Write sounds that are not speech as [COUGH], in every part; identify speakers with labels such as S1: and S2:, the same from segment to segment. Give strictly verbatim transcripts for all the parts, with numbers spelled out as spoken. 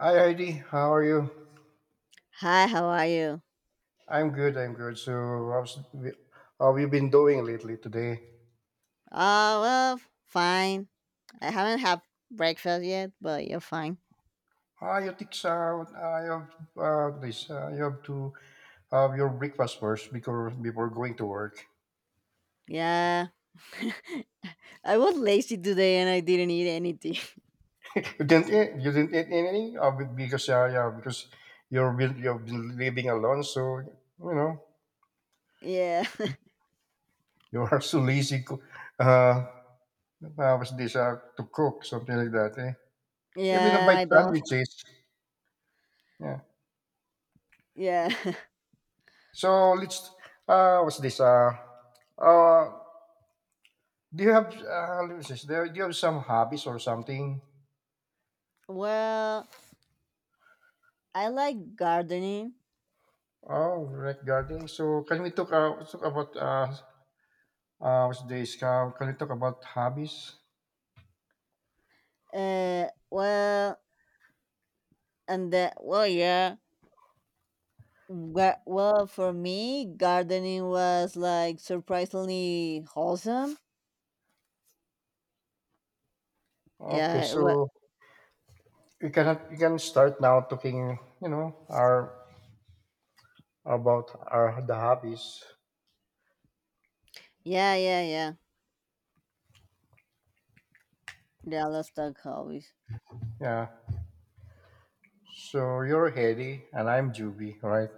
S1: Hi Heidi, how are you?
S2: Hi, how are you?
S1: I'm good, I'm good. So, how's, how have you been doing lately today?
S2: Oh well, fine. I haven't had breakfast yet, but you're fine.
S1: Ah, you take out. I have uh, this. Uh, you have to have your breakfast first before before going to work.
S2: Yeah. [LAUGHS] I was lazy today and I didn't eat anything.
S1: [LAUGHS] You didn't eat. You didn't eat anything uh, be- because uh, yeah, because you've been you've been living alone. So you know.
S2: [LAUGHS] yeah. [LAUGHS]
S1: [LAUGHS] You are so lazy. co- Uh, uh, was this uh, to cook something like that? Eh? Maybe a
S2: Yeah,
S1: bite
S2: I don't.
S1: sandwiches. Yeah.
S2: Yeah.
S1: So let's uh, what's this? Uh, uh, do you have uh, let me see, do you have some hobbies or something?
S2: [LAUGHS] well, I like gardening.
S1: Oh, regarding so can we talk, uh, talk about uh, uh what's this? Uh, can we talk about hobbies?
S2: Uh, well, and that, well, yeah. Ga- Well, for me, gardening was like surprisingly wholesome.
S1: Okay,
S2: Yeah, it wa-
S1: so we can have- we can start now talking. You know, our about our the hobbies.
S2: yeah, yeah, yeah. Yeah, I love that hobby.
S1: Yeah. So you're Hedy and I'm Juby, right?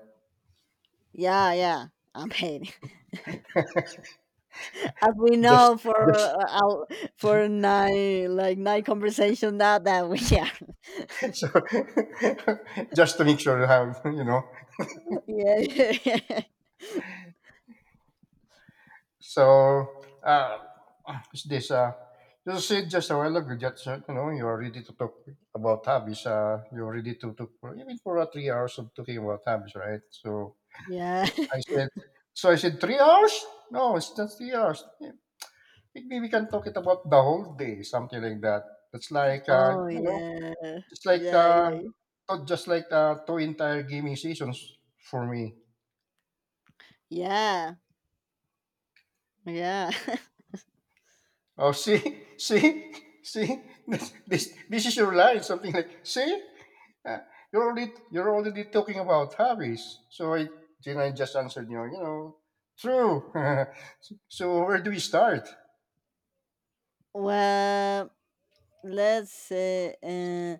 S2: Yeah, yeah. I am mean, [LAUGHS] as we
S1: Just
S2: know for
S1: just
S2: uh, our, for nine like nine conversation now that we are. [LAUGHS]
S1: [LAUGHS] so [LAUGHS] just to make sure you have you know.
S2: Yeah, yeah, yeah.
S1: So, uh, is this, uh, you said just a while ago that, uh, you know, you are ready to talk about hobbies. Uh, you're ready to talk for even for uh, three hours of talking about hobbies, right? So
S2: [LAUGHS] Yeah.
S1: I
S2: [LAUGHS]
S1: said, so I said, three hours? No, it's not three hours. Yeah, maybe we can talk it about the whole day, something like that. It's like, uh,
S2: Oh
S1: you know,
S2: yeah,
S1: it's like
S2: yeah,
S1: the,
S2: yeah,
S1: not just like the two entire gaming seasons for me.
S2: yeah, yeah.
S1: Oh, see, [LAUGHS] see, see, this, this, this is your line, something like, see, Uh, you're already, you're already talking about hobbies. So I, then I just answered, you know, you know, true. [LAUGHS] So where do we start?
S2: [LAUGHS] well, let's say, uh,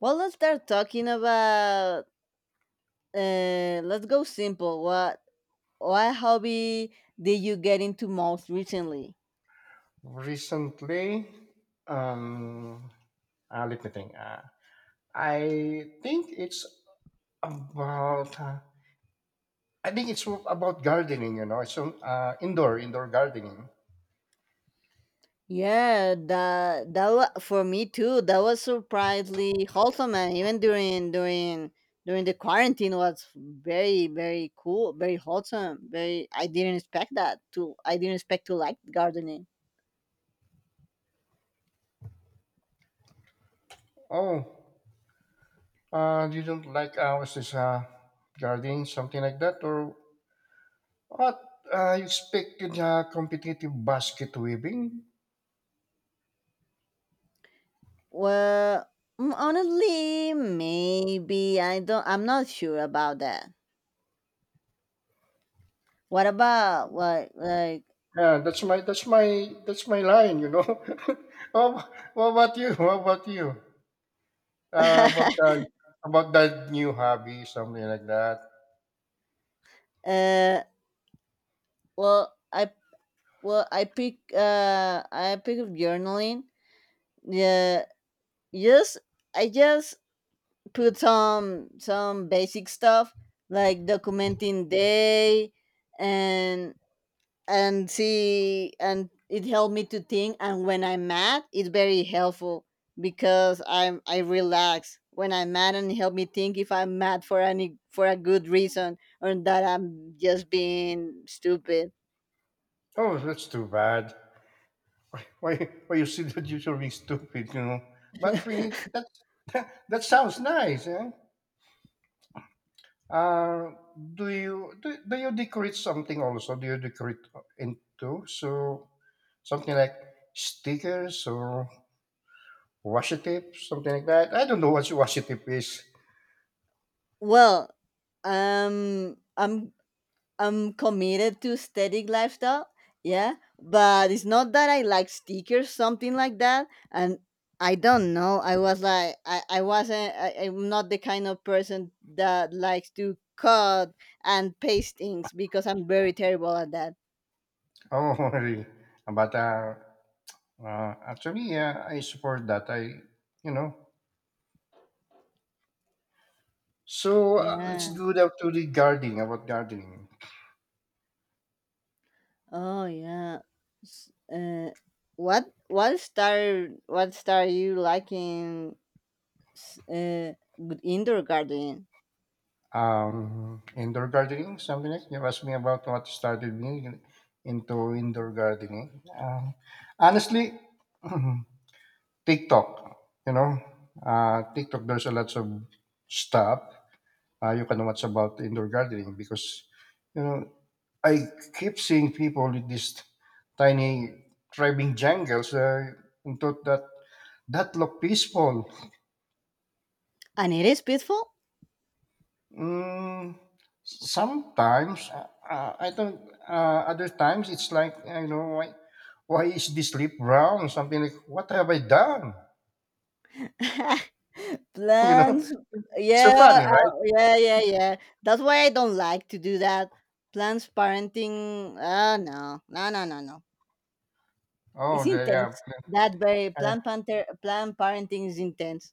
S2: well, let's start talking about. Uh, let's go simple. What what hobby did you get into most recently?
S1: Recently, um, uh, let me think. Uh, I think it's about, uh, I think it's about gardening, you know, so uh, indoor, indoor gardening.
S2: Yeah, that that wa- for me too. That was surprisingly wholesome, and even during during during the quarantine was very very cool, very wholesome. Very, I didn't expect that to. I didn't expect to like gardening.
S1: Oh. Uh, you don't like ours is uh, guarding something like that, or what? Uh, you expected uh, competitive basket weaving?
S2: Well, mm, honestly, maybe I don't. I'm not sure about that. What about what like?
S1: Yeah, that's my that's my that's my line. You know. [LAUGHS] what, what about you? What about you? Uh, about
S2: [LAUGHS]
S1: that about that new hobby, something like that.
S2: uh, well, I well I pick uh I pick up journaling. Yeah, Just I just put some some basic stuff like documenting day and and see and it helped me to think, and when I'm mad it's very helpful because I'm I relax when I'm mad and help me think if I'm mad for any for a good reason or that I'm just being stupid.
S1: Oh, that's too bad. Why why you see that you're being stupid? You know. But really,
S2: [LAUGHS]
S1: that that sounds nice. Eh? Uh, do you do, do you decorate something also? Do you decorate into so something like stickers or washi tape, something like that? I don't know what washi tape is.
S2: Well, um, I'm I'm committed to aesthetic lifestyle, yeah, but it's not that I like stickers, something like that. And I don't know. I was like, I, I wasn't. I, I'm not the kind of person that likes to cut and paste things because I'm very terrible at that.
S1: Oh, [LAUGHS] really? But uh, uh, Actually, yeah, I support that. I You know. So uh, let's
S2: Yeah.
S1: do that to the gardening about gardening.
S2: Oh yeah. S- Uh, what what star what star you liking? s- Uh, with indoor gardening,
S1: Um, indoor gardening, something like you asked me about what started me into indoor gardening. Uh, honestly, [CLEARS THROAT] TikTok, you know, uh, TikTok, there's a lot of stuff uh, you can watch about indoor gardening because, you know, I keep seeing people with these tiny thriving jungles uh, and thought that that look peaceful.
S2: and it is peaceful.
S1: Mm, sometimes uh, uh, I don't. Uh, other times it's like uh, you know why, why is this lip brown? Something like what have I done?
S2: [LAUGHS]
S1: [LAUGHS] You know,
S2: Plans,
S1: it's so
S2: yeah,
S1: funny, right?
S2: uh, yeah, yeah, yeah. That's why I don't like to do that. Plans parenting, uh, no, no, no, no, no. It's
S1: Oh, the, yeah,
S2: intense. That very plan panther, plan parenting is intense.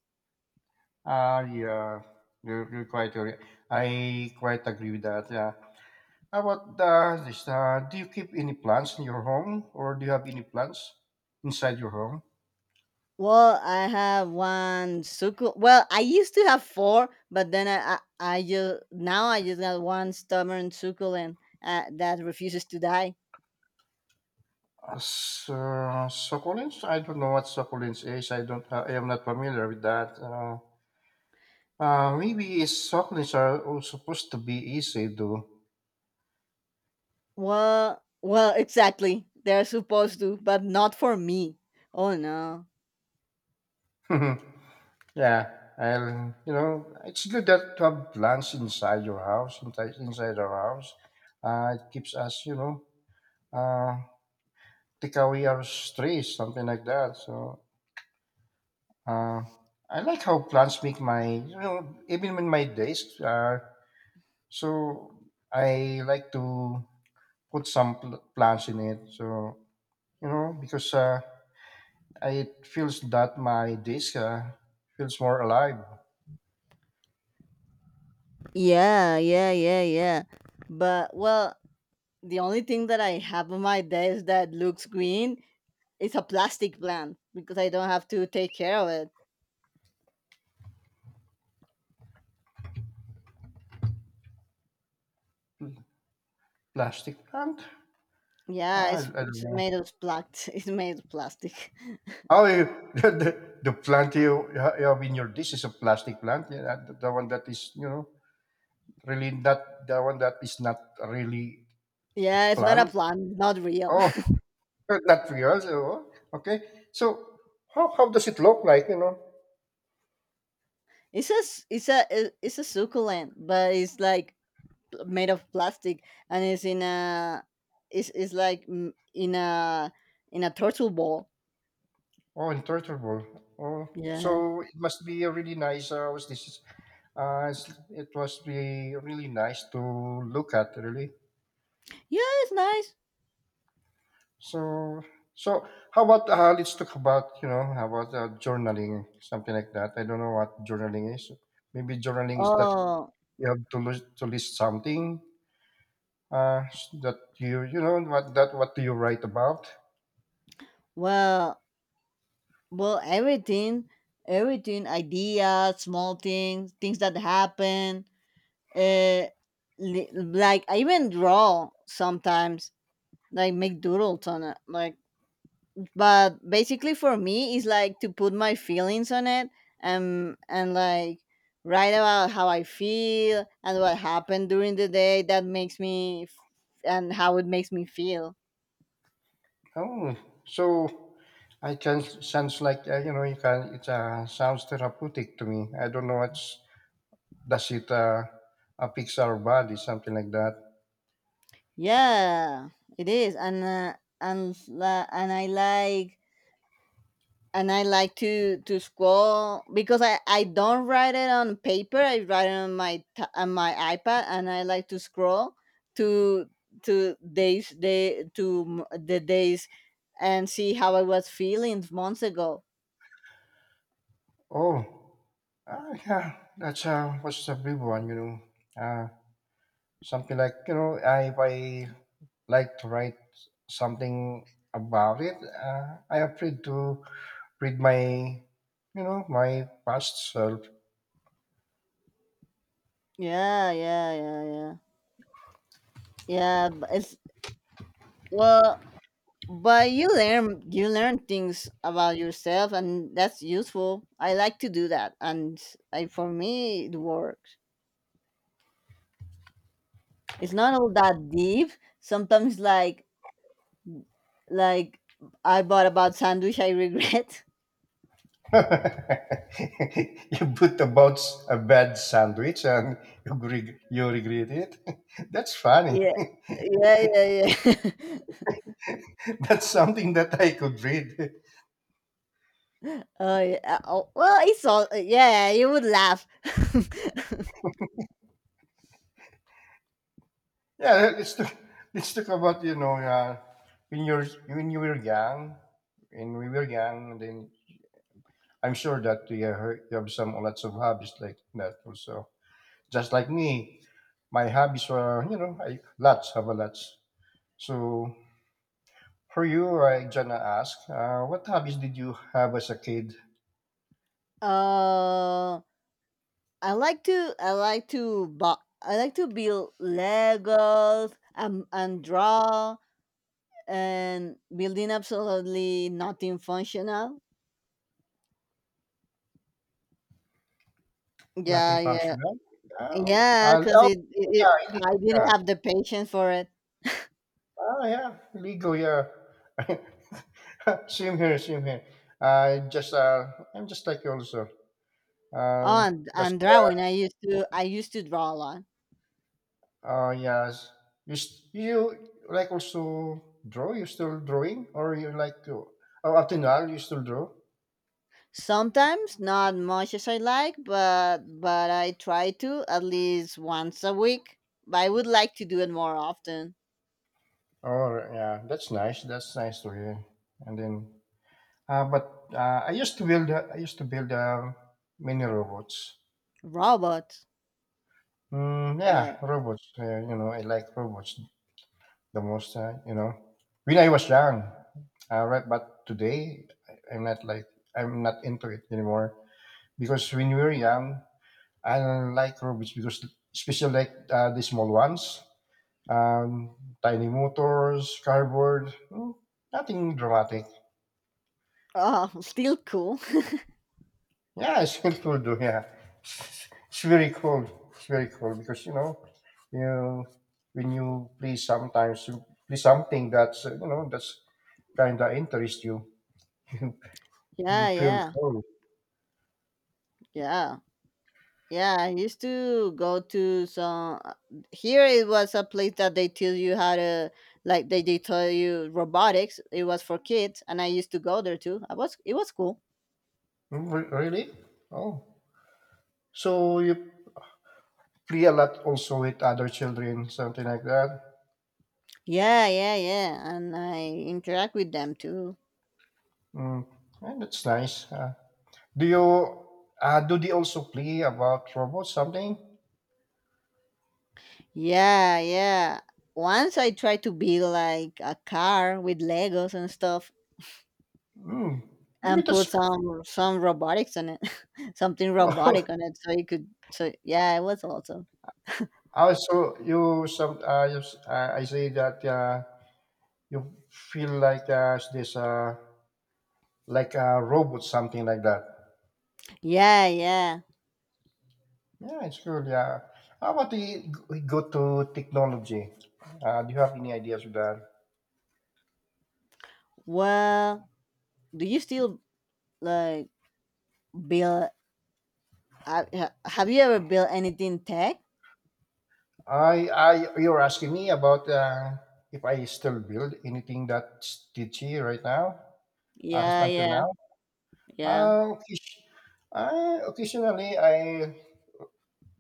S1: uh, uh, yeah. You're, you're quite right. I quite agree with that. Yeah. How about the, this? Uh, do you keep any plants in your home, or do you have any plants inside your home?
S2: Well, I have one suku. Well, I used to have four, but then I, I, I just now I just got one stubborn succulent uh, that refuses to die.
S1: So succulents? I don't know what succulents is. I don't. Uh, I am not familiar with that. Uh, uh, maybe it's succulents are all supposed to be easy to.
S2: Well, well, exactly. They're supposed to, but not for me. Oh no.
S1: [LAUGHS] Yeah, I'll. You know, it's good that to have plants inside your house, inside inside our house. Uh, it keeps us, you know, uh, take away our stress, something like that. So, uh, I like how plants make my, you know, even in my days. Uh, so I like to put some pl- plants in it. So you know, because uh, it feels that my disc uh, feels more alive.
S2: Yeah, yeah, yeah, yeah. But well, the only thing that I have on my desk that looks green is a plastic plant because I don't have to take care of it.
S1: Plastic plant?
S2: Yeah,
S1: I, I
S2: it's
S1: don't
S2: it's made
S1: know.
S2: of plat. [LAUGHS] It's made of plastic. [LAUGHS]
S1: Oh, you, [LAUGHS] the, the the plant you, ha- you have in your dish is a plastic plant. Yeah, that- the, the one that is you know really not the one that is not really
S2: Yeah, it's not a
S1: plant.
S2: plant, not real.
S1: Oh, [LAUGHS] not real. So, okay. So how how does it look like? You know.
S2: [LAUGHS] It's a s- it's a it- it's a succulent, but it's like pl- made of plastic and it's in a it's it's like mm, in a in a turtle ball.
S1: Oh, in Turtle Ball. Oh,
S2: Yeah.
S1: so it must be a really nice. Uh, was this? Uh, s- it must be really nice to look at, really.
S2: Yeah, it's nice.
S1: So, so how about uh, let's talk about you know how about uh, journaling, something like that. I don't know what journaling is. Maybe journaling is that
S2: Oh,
S1: you have to list, to list something uh, that you you know what that what do you write about?
S2: well, Well, everything, everything, ideas, small things, things that happen. Uh, li- like I even draw sometimes, like make doodles on it. Like, but basically for me, it's like to put my feelings on it and and like write about how I feel and what happened during the day that makes me f- and how it makes me feel.
S1: Oh, so I can sounds like uh, you know you can it uh, sounds therapeutic to me. I don't know what's does it uh, uh fix our body something like that.
S2: Yeah, it is, and uh, and la- and I like and I like to to scroll because I I don't write it on paper. I write it on my t- on my iPad, and I like to scroll to to days day to m- the days and see how I was feeling months ago.
S1: Oh, ah, yeah, that's uh what's the big one you know uh something like you know I if I like to write something about it. Uh, I afraid to read my you know my past self.
S2: Yeah, yeah, yeah, yeah, yeah. b- It's well, but you learn you learn things about yourself, and that's useful. I like to do that, and I for me it works. It's not all that deep. Sometimes like like I bought about sandwich I regret. [LAUGHS]
S1: [LAUGHS] You put about a bad sandwich and you, reg- you regret it. [LAUGHS] That's funny.
S2: Yeah.
S1: [LAUGHS]
S2: Yeah, yeah, yeah. [LAUGHS]
S1: That's something that I could read. [LAUGHS]
S2: oh, yeah. Oh, well, it's all yeah, you would laugh. [LAUGHS]
S1: Yeah, let's talk, let's talk about you know uh, when you're when you were young, when we were young. Then I'm sure that you have you have some lots of hobbies like that also. Just like me, my hobbies were you know I, lots have a lots. So for you, I gonna ask, uh, what hobbies did you have as a kid?
S2: uh I like to I like to bu- I like to build Legos and, and draw and building absolutely nothing functional.
S1: Nothing
S2: Yeah, yeah.
S1: functional? Oh,
S2: Yeah,
S1: uh, li-
S2: cuz
S1: oh
S2: it, it, it
S1: yeah,
S2: I
S1: illegal,
S2: didn't
S1: yeah.
S2: have the patience for it.
S1: Ah, yeah, illegal, yeah. [LAUGHS] Same here, same here. I just, uh, I'm just like you also.
S2: Oh,
S1: Uh,
S2: and,
S1: just,
S2: and
S1: uh,
S2: drawing. I used to I used to draw a lot.
S1: uh, yes. You, s- you like also draw? You still drawing, or you like to? Oh, up to now, you still draw?
S2: Sometimes not much as I like, but but I try to at least once a week. But I would like to do it more often.
S1: Oh, yeah, that's nice. That's nice to hear. And then Uh, but uh, I used to build. Uh, I used to build uh, many robots.
S2: Robots.
S1: Mm, yeah,
S2: The,
S1: robots. Uh, you know, I like robots the most. Uh, you know, when I was young, uh, right? But today, I- I'm not like I'm not into it anymore because when we were young, I don't like robots because especially like uh, the small ones, um, tiny motors, cardboard, mm, nothing dramatic.
S2: oh, [LAUGHS] still cool.
S1: Yeah, it's [LAUGHS] very cool though. Yeah, it's, it's very cool. It's very cool because you know, you know, when you play sometimes you play something that's uh, you know that's kind of interest you. [LAUGHS] you
S2: Yeah,
S1: you feel
S2: yeah,
S1: cool.
S2: yeah, yeah. I used to go to some. Here it was a place that they tell you how to like they they tell you robotics. It was for kids, and I used to go there too. I was it was cool.
S1: Mm, re- Really? Oh, so you play a lot also with other children, something like that.
S2: Yeah, yeah, yeah. And I interact with them too.
S1: Mm, yeah, that's nice. Uh, do you uh, do they also play about robots something?
S2: Yeah, yeah. Once I tried to build like a car with Legos and stuff
S1: Mm, maybe
S2: and
S1: that's
S2: put some some robotics on it. [LAUGHS] Something
S1: [LAUGHS]
S2: robotic on it so you could so yeah, it was awesome.
S1: also, you some uh, you, s- uh, I say that uh, you feel like uh, this uh, like a robot, something like that.
S2: Yeah, yeah.
S1: Yeah, it's good. Yeah. How about the we go to technology? Uh, do you have any ideas with that?
S2: Well, do you still like build uh, ha- have you ever built anything tech?
S1: I, I, you're asking me about uh, if I still build anything that's teachy right now, as
S2: Yeah,
S1: until
S2: yeah,
S1: now.
S2: yeah.
S1: Uh, occasion- uh, Occasionally, I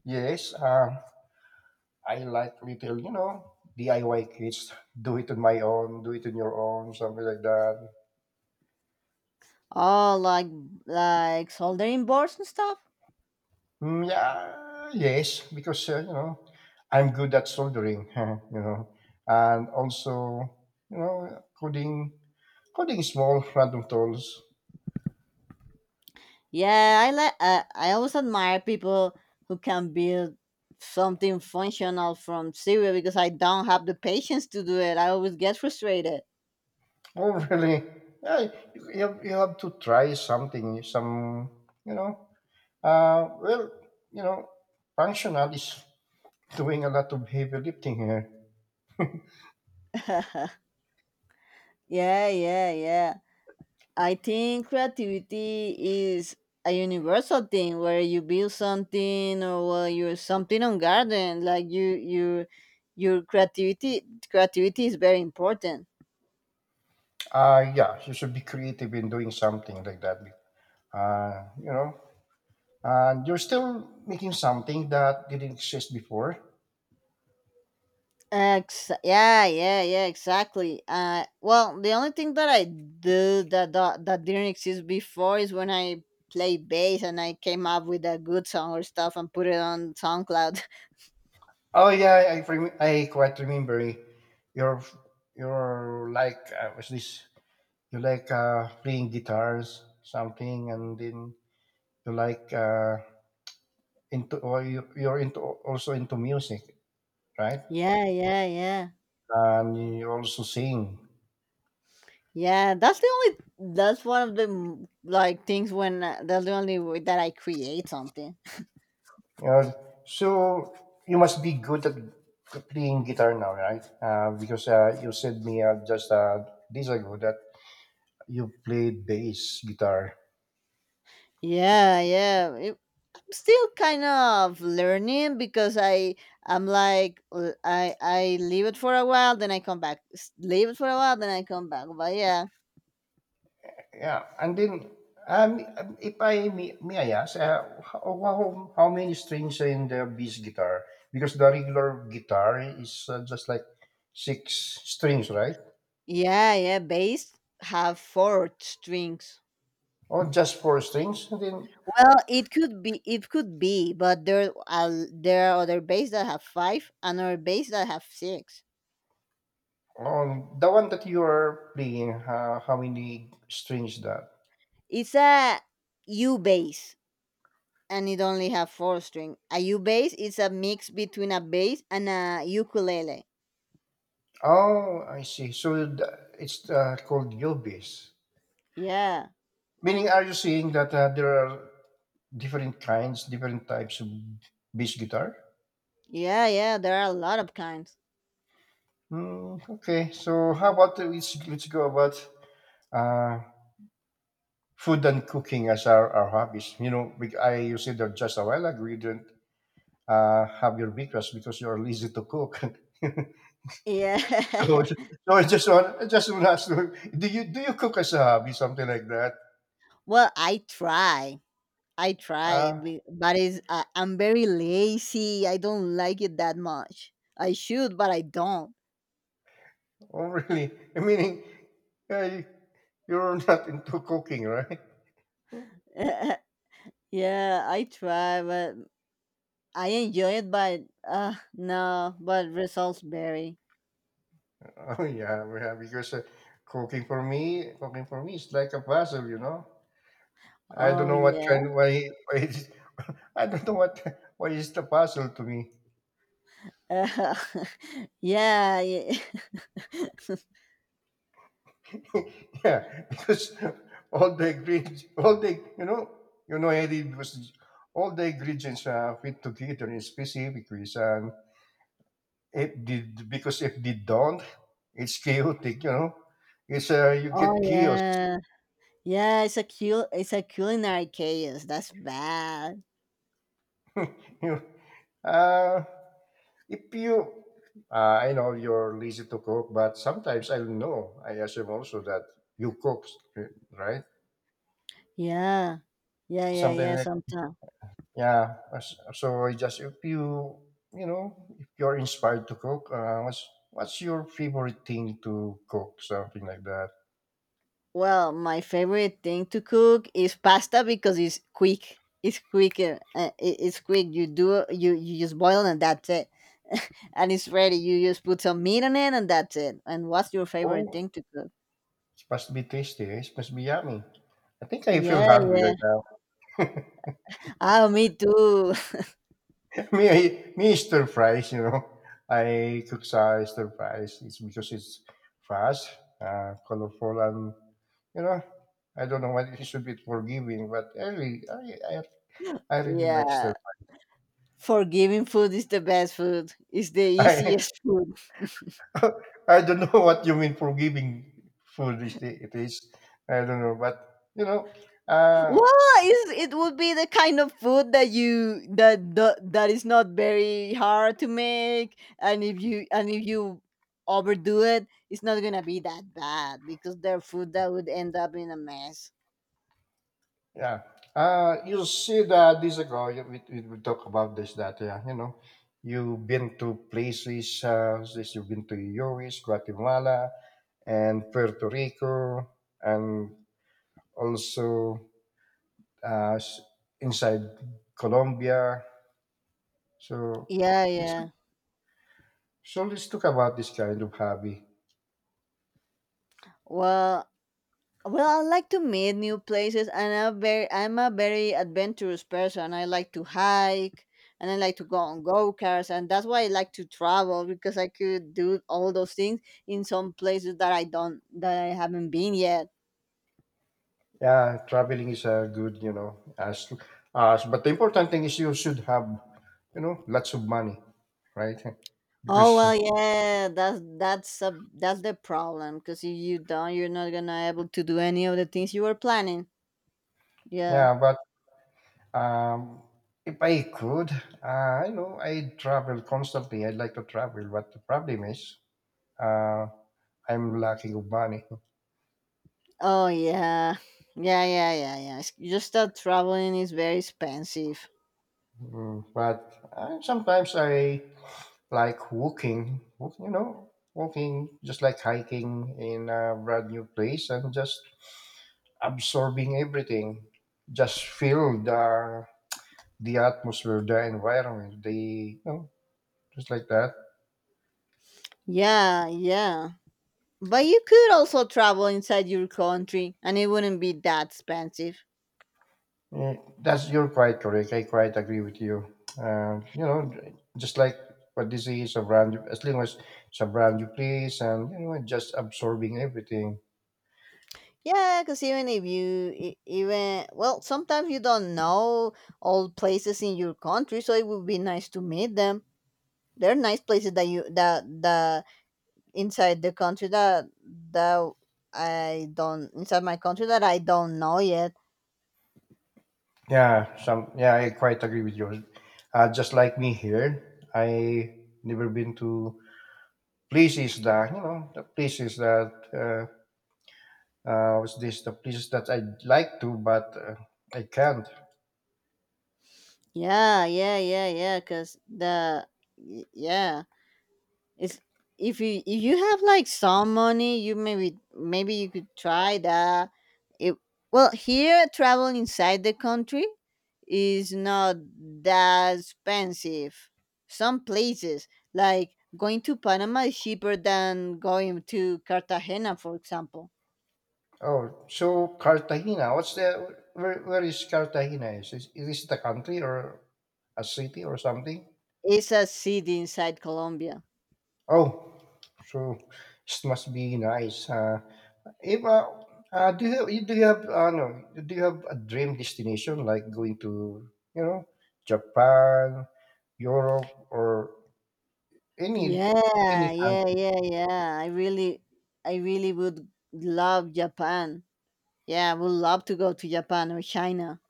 S1: yes. Uh, I like little, you know, D I Y kits. Do it on my own, do it on your own, something like that.
S2: Oh, like like soldering boards and stuff?
S1: Mm, yeah, yes, because, uh, you know, I'm good at soldering, [LAUGHS] you know, and also, you know, coding, coding small random tools. [LAUGHS]
S2: Yeah, I like. Uh, I always admire people who can build something functional from zero because I don't have the patience to do it. I always get frustrated.
S1: Oh, really? Yeah, you, you have, you have to try something, some, you know, uh, well, you know, functional is doing a lot of heavy lifting here.
S2: [LAUGHS] yeah, yeah, yeah. I think creativity is a universal thing where you build something or well, you're something on garden. Like you, you, your creativity. Creativity is very important.
S1: Uh, yeah, you should be creative in doing something like that. Uh, you know, and you're still making something that didn't exist before.
S2: Ex- yeah, yeah, yeah, exactly. Uh, well, the only thing that I do that, that that didn't exist before is when I play bass and I came up with a good song or stuff and put it on SoundCloud.
S1: Oh yeah, I rem- I quite remember. You're you're like uh, what's this? You like uh, playing guitars, something, and then you like uh, into or you, you're into also into music, right?
S2: [LAUGHS] yeah, yeah, yeah,
S1: And you also sing.
S2: yeah. That's the only. That's one of the mm, like things when uh, that's the only way that I create something.
S1: Uh, so you must be good at playing guitar now, right? Uh, because uh, You said me uh, just uh, days ago that you played bass guitar.
S2: Yeah, yeah. still kind of learning because I I'm like l- I I leave it for a while, then I come back. S- Leave it for a while, then I come back. But yeah,
S1: Yeah, and then um, if I may, may I ask, uh, how, how how many strings are in the bass guitar? Because the regular guitar is uh, just like six strings, right?
S2: yeah, yeah. Bass have four strings.
S1: Or just four strings? And then
S2: Well, it could be, it could be, but there are there are other bass that have five, and other bass that have six.
S1: on the one that you are playing, uh, how many strings that?
S2: It's a U bass, and it only have four string. A U bass is a mix between a bass and a ukulele.
S1: Oh, I see. So th- it's uh, called yobis.
S2: Yeah.
S1: Meaning, are you saying that uh, there are different kinds, different types of bass guitar?
S2: Yeah, yeah, there are a lot of kinds.
S1: Mm, okay. So how about uh, let's, let's go about uh, food and cooking as our, our hobbies. You know, we- I you said that just a while ago you didn't uh, have your breakfast because you are lazy to cook. [LAUGHS]
S2: Yeah.
S1: so,
S2: [LAUGHS]
S1: so I just want I just want to ask, you, do you do you cook as a hobby, something like that?
S2: well, I try. I try,
S1: Uh,
S2: be- but it's, I I'm very lazy. I don't like it that much. I should, but I don't.
S1: Oh, really? [LAUGHS] Meaning, uh, you- you're [LAUGHS] not into cooking, right? [LAUGHS]
S2: [LAUGHS] yeah, I try, but I enjoy it, but uh, no, but results vary.
S1: Oh, yeah, yeah. Because uh, cooking for me, cooking for me is like a puzzle, you know. I don't
S2: Oh,
S1: know what
S2: yeah.
S1: kind, why, why it's, [LAUGHS] I don't know what, [LAUGHS] why is the puzzle to me.
S2: [LAUGHS] yeah. yeah. [LAUGHS]
S1: [LAUGHS] yeah, because all the ingredients, all the, you know, you know, Eddie, because all the ingredients are fit together in specific ways, and it did because if they don't, it's chaotic. You know, it's uh, you get
S2: oh,
S1: chaos. [LAUGHS]
S2: yeah. Yeah, it's a cul- it's a culinary chaos. That's bad.
S1: You uh, if you, uh, I know you're lazy to cook, but sometimes I know I assume also that you cook, right?
S2: Yeah. Yeah, yeah,
S1: Something
S2: yeah,
S1: like
S2: sometimes.
S1: yeah. as- So I just if you you know if you're inspired to cook, uh, what's what's your favorite thing to cook? Something like that.
S2: Well, my favorite thing to cook is pasta because it's quick. It's quicker. Uh, it, it's quick. You do you you just boil and that's it. [LAUGHS] and it's ready. You just put some meat on it and that's it. And what's your favorite
S1: Oh,
S2: thing to cook?
S1: it must be tasty. It must be yummy. I think I feel
S2: Yeah,
S1: hungry
S2: yeah.
S1: right now. [LAUGHS]
S2: Ah, me too.
S1: Me, I, me, stir fries, you know. I cook uh, stir fries. It's because it's fast, uh, colorful, and you know, I don't know why it should be forgiving, but I really, I, I,
S2: [LAUGHS]
S1: I really like stir.
S2: yeah. Forgiving food is the best food. It's the
S1: [LAUGHS] I,
S2: easiest [LAUGHS] food.
S1: I don't know what you mean forgiving food is it is. I don't know, but you know, uh,
S2: Well, is it would be the kind of food that you that, that that is not very hard to make, and if you and if you overdo it, it's not gonna be that bad because they're food that would end up in a mess.
S1: yeah. Uh, you see that this ago, you- we, we we talk about this, that, yeah, you know, you've been to places, uh, this, you've been to U S, Guatemala, and Puerto Rico, and also uh, s- inside Colombia. So
S2: Yeah,
S1: it's
S2: yeah.
S1: so let's talk about this kind of hobby.
S2: Well, Well, I like to meet new places, and I'm very, I'm a very adventurous person. I like to hike, and I like to go on go karts, and that's why I like to travel because I could do all those things in some places that I don't, that I haven't been yet.
S1: Yeah, traveling is a good, you know, as, as but the important thing is you should have, you know, lots of money, right?
S2: Oh
S1: Because
S2: well, yeah, that's that's a that's the problem because if you don't, you're not gonna able to do any of the things you were planning. Yeah.
S1: Yeah, but um, if I could, uh, I know I travel constantly. I like to travel, but the problem is uh, I'm lacking of money.
S2: Oh yeah, yeah, yeah, yeah, yeah. It's- Just that traveling is very expensive.
S1: Mm, but uh, sometimes I like walking, walk- you know, walking just like hiking in a brand new place and just absorbing everything. Just feel the the atmosphere, the environment, the you know, just like that.
S2: Yeah, yeah. But you could also travel inside your country and it wouldn't be that expensive.
S1: Yeah, that's you're quite correct. I quite agree with you. Uh, you know, just like what this is a brand, as long as it's a brand you place, and you know, just absorbing everything.
S2: Yeah, because even if you, e- even, well, sometimes you don't know all places in your country, so it would be nice to meet them. There are nice places that you, that, that inside the country that, that I don't, inside my country that I don't know yet.
S1: Yeah, some. Yeah, I quite agree with you. Uh, just like me here, I never been to places that you know the places that uh, uh, was this the places that I would like to, but uh, I can't.
S2: Yeah, yeah, yeah, yeah, because the, y- yeah. It's if you if you have like some money, you maybe maybe you could try that. It, well, here travel inside the country is not that expensive. Some places like going to Panama is cheaper than going to Cartagena, for example.
S1: Oh, so Cartagena. What's the where? Where is Cartagena? Is it, is it a country or a city or something?
S2: It's a city inside Colombia.
S1: Oh, so it must be nice. Uh, if uh, uh, do you you- do you have uh, no, do you have a dream destination like going to you know Japan, Europe, or any any
S2: Yeah, yeah,
S1: country?
S2: yeah, yeah. I really, I really would love Japan. Yeah, I would love to go to Japan or China.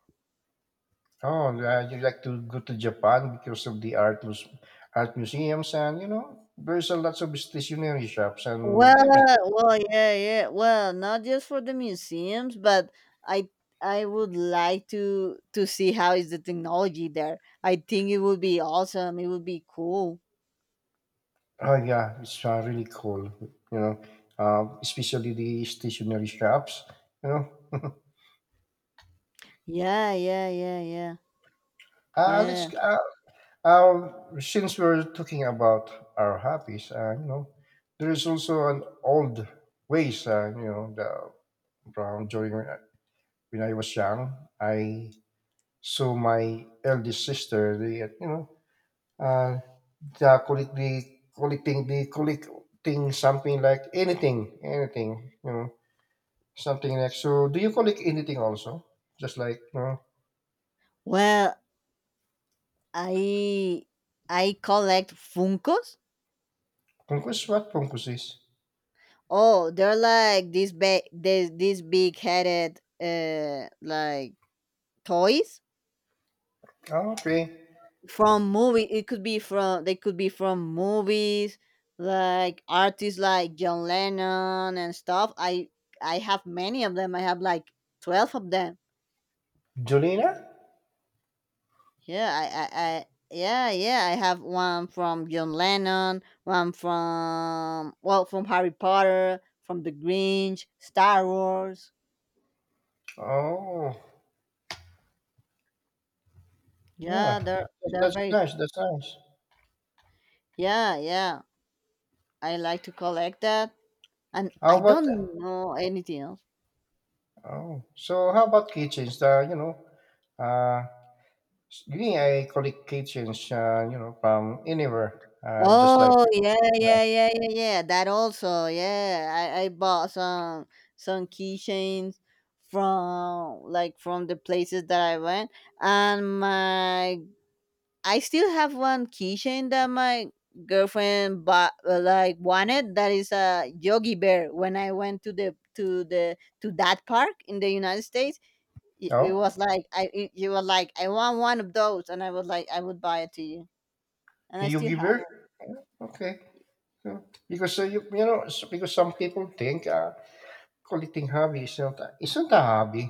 S1: Oh, uh, you like to go to Japan because of the art mus- art museums and you know there's a lots of stationery shops and
S2: Well,
S1: everything.
S2: well, yeah, yeah. Well, not just for the museums, but I I would like to to see how is the technology there. I think it would be awesome. It would be cool.
S1: Oh, yeah, it's uh, really cool. You know, uh, especially the stationery shops. You know,
S2: Yeah, yeah, yeah, yeah,
S1: [LAUGHS] uh, let's
S2: yeah.
S1: uh, uh, since we're talking about our hobbies, uh, you know, there is also an old ways. Uh, you know, the, from during when I was young, I saw my eldest sister. They, uh, you know, uh, the collecting, collecting, the collecting something like anything, anything, you know, something like. So, do you collect anything also? Just like, you know,
S2: Well, I I collect Funkos.
S1: punkus, what punkus is?
S2: Oh, they're like this big, this these big headed, uh, like toys
S1: Oh, okay.
S2: from movie it could be from they could be from movies like artists like John Lennon and stuff. I I have many of them. I have like twelve of them.
S1: Jolina?
S2: Yeah. i i, I yeah yeah I have one from John Lennon, one from, well, from Harry Potter, from the Grinch, Star Wars.
S1: Oh, yeah.
S2: Yeah they're
S1: That-
S2: they're
S1: That's
S2: very
S1: nice. That's nice.
S2: yeah yeah I like to collect that, and
S1: How
S2: I
S1: about,
S2: don't know anything else.
S1: oh, so how about kitchens? The, you know, uh, me, I collect kitchens, uh, you know, from anywhere, uh, just like,
S2: Oh yeah,
S1: yeah.
S2: yeah, yeah, yeah, yeah. That also, yeah. I, I bought some some keychains from like from the places that I went, and my I still have one keychain that my girlfriend bought uh, like wanted. That is a Yogi Bear. When I went to the to the to that park in the United States, it, it was
S1: Oh,
S2: like I it, it was like I want one of those, and I was like I would buy it to you, and I
S1: you
S2: still
S1: give
S2: have
S1: her?
S2: it.
S1: Okay. Yeah. Because uh, you you know s- because some people think uh, collecting hobby is not a- isn't a hobby,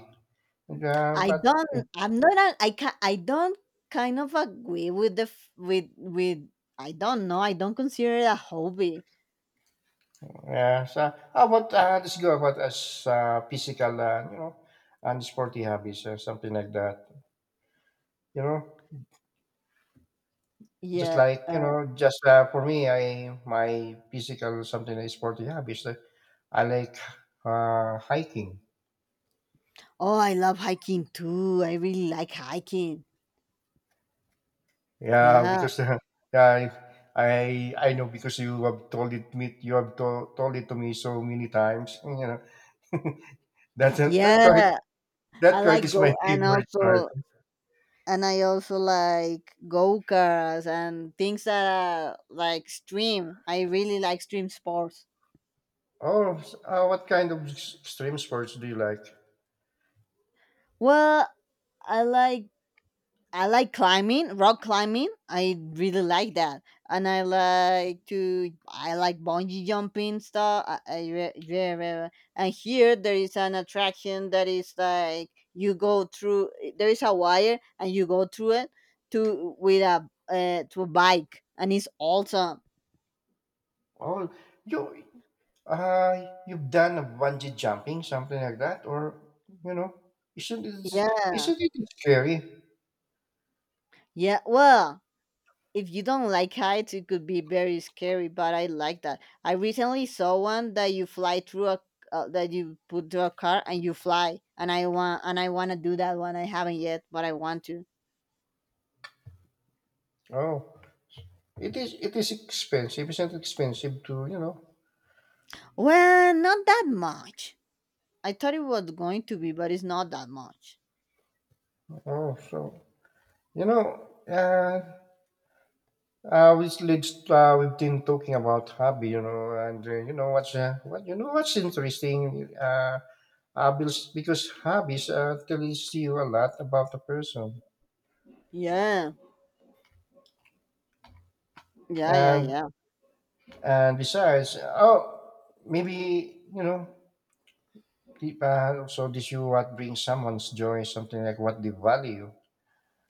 S1: and, uh,
S2: I
S1: but
S2: don't. I'm not. A, I can. I don't kind of agree with the f- with with. I don't know. I don't consider it a hobby.
S1: yeah. So how about uh, let's go about as uh, physical, uh, you know, and sporty hobbies or something like that. You know, just
S2: Yeah.
S1: like you
S2: Uh,
S1: know, just uh, for me, I my physical something like sporty hobbies. Like I like uh, hiking.
S2: oh, I love hiking too. I really like hiking.
S1: Yeah,
S2: Yeah.
S1: because [LAUGHS] uh, I I I know because you have told it me you have to, told it to me so many times. You know [LAUGHS] that's that quite
S2: Yeah. I
S1: that quite
S2: like
S1: is my
S2: go
S1: [LAUGHS]
S2: and
S1: favorite part.
S2: also and I also like go karts and things that are like stream. I really like stream sports.
S1: Oh, s- uh, what kind of s- extreme sports do you like?
S2: Well, I like I like climbing, rock climbing. I really like that, and I like to I like bungee jumping stuff. I, I re- re- re- re- and here there is an attraction that is like you go through. There is a wire and you go through it to with a uh, to a bike, and it's awesome.
S1: Oh, you uh you've done a bungee jumping something like that, or you know isn't it
S2: Yeah,
S1: isn't it scary?
S2: yeah. Well, if you don't like heights, it could be very scary. But I like that. I recently saw one that you fly through a uh, that you put through a car and you fly. And I want and I want to do that one. I haven't yet, but I want to.
S1: Oh, it is it is expensive. Isn't it expensive to you know?
S2: Well, not that much. I thought it was going to be, but it's not that much.
S1: Oh, so you know. Uh, Uh, which leads to, uh, we've been talking about hobby, you know, and uh, you know what's uh, what you know what's interesting, uh, uh, because because hobbies uh, tells you a lot about the person,
S2: Yeah, yeah, yeah,
S1: and
S2: yeah.
S1: and besides, oh, maybe you know, the- uh, also this you what brings someone's joy, something like what they value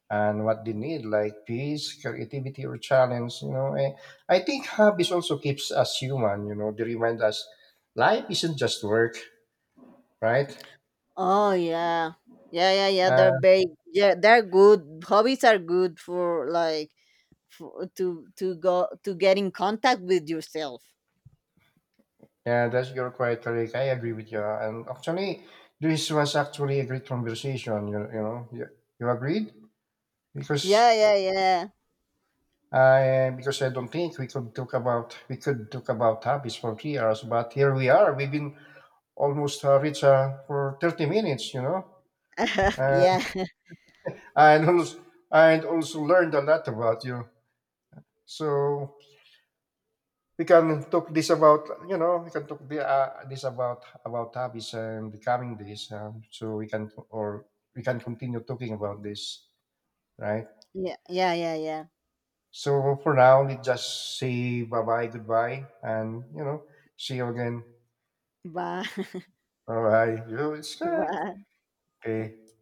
S1: and what they need, like peace, creativity, or challenge. You know, I, I think hobbies also keeps us human. You know, they remind us life isn't just work, right?
S2: Oh yeah, yeah, yeah, yeah. They're
S1: Uh,
S2: very yeah. They're good. Hobbies are good for like for, to to go to get in contact with yourself.
S1: yeah, that's your quite correct. I agree with you. And actually, this was actually a great conversation. You, you know, you, you agreed because
S2: Yeah, yeah, yeah.
S1: I because I don't think we could talk about we could talk about hobbies for three hours, but here we are. We've been almost uh, reached uh, for thirty minutes. You know,
S2: [LAUGHS]
S1: and
S2: Yeah. [LAUGHS]
S1: and also and also learned a lot about you. So we can talk this about you know we can talk the, uh, this about about hobbies and becoming this uh, so we can or we can continue talking about this, right?
S2: Yeah, yeah, yeah, yeah.
S1: So for now let's just say bye bye goodbye and you know see you again,
S2: Bye. [LAUGHS]
S1: all right, you it's
S2: Bye.
S1: okay.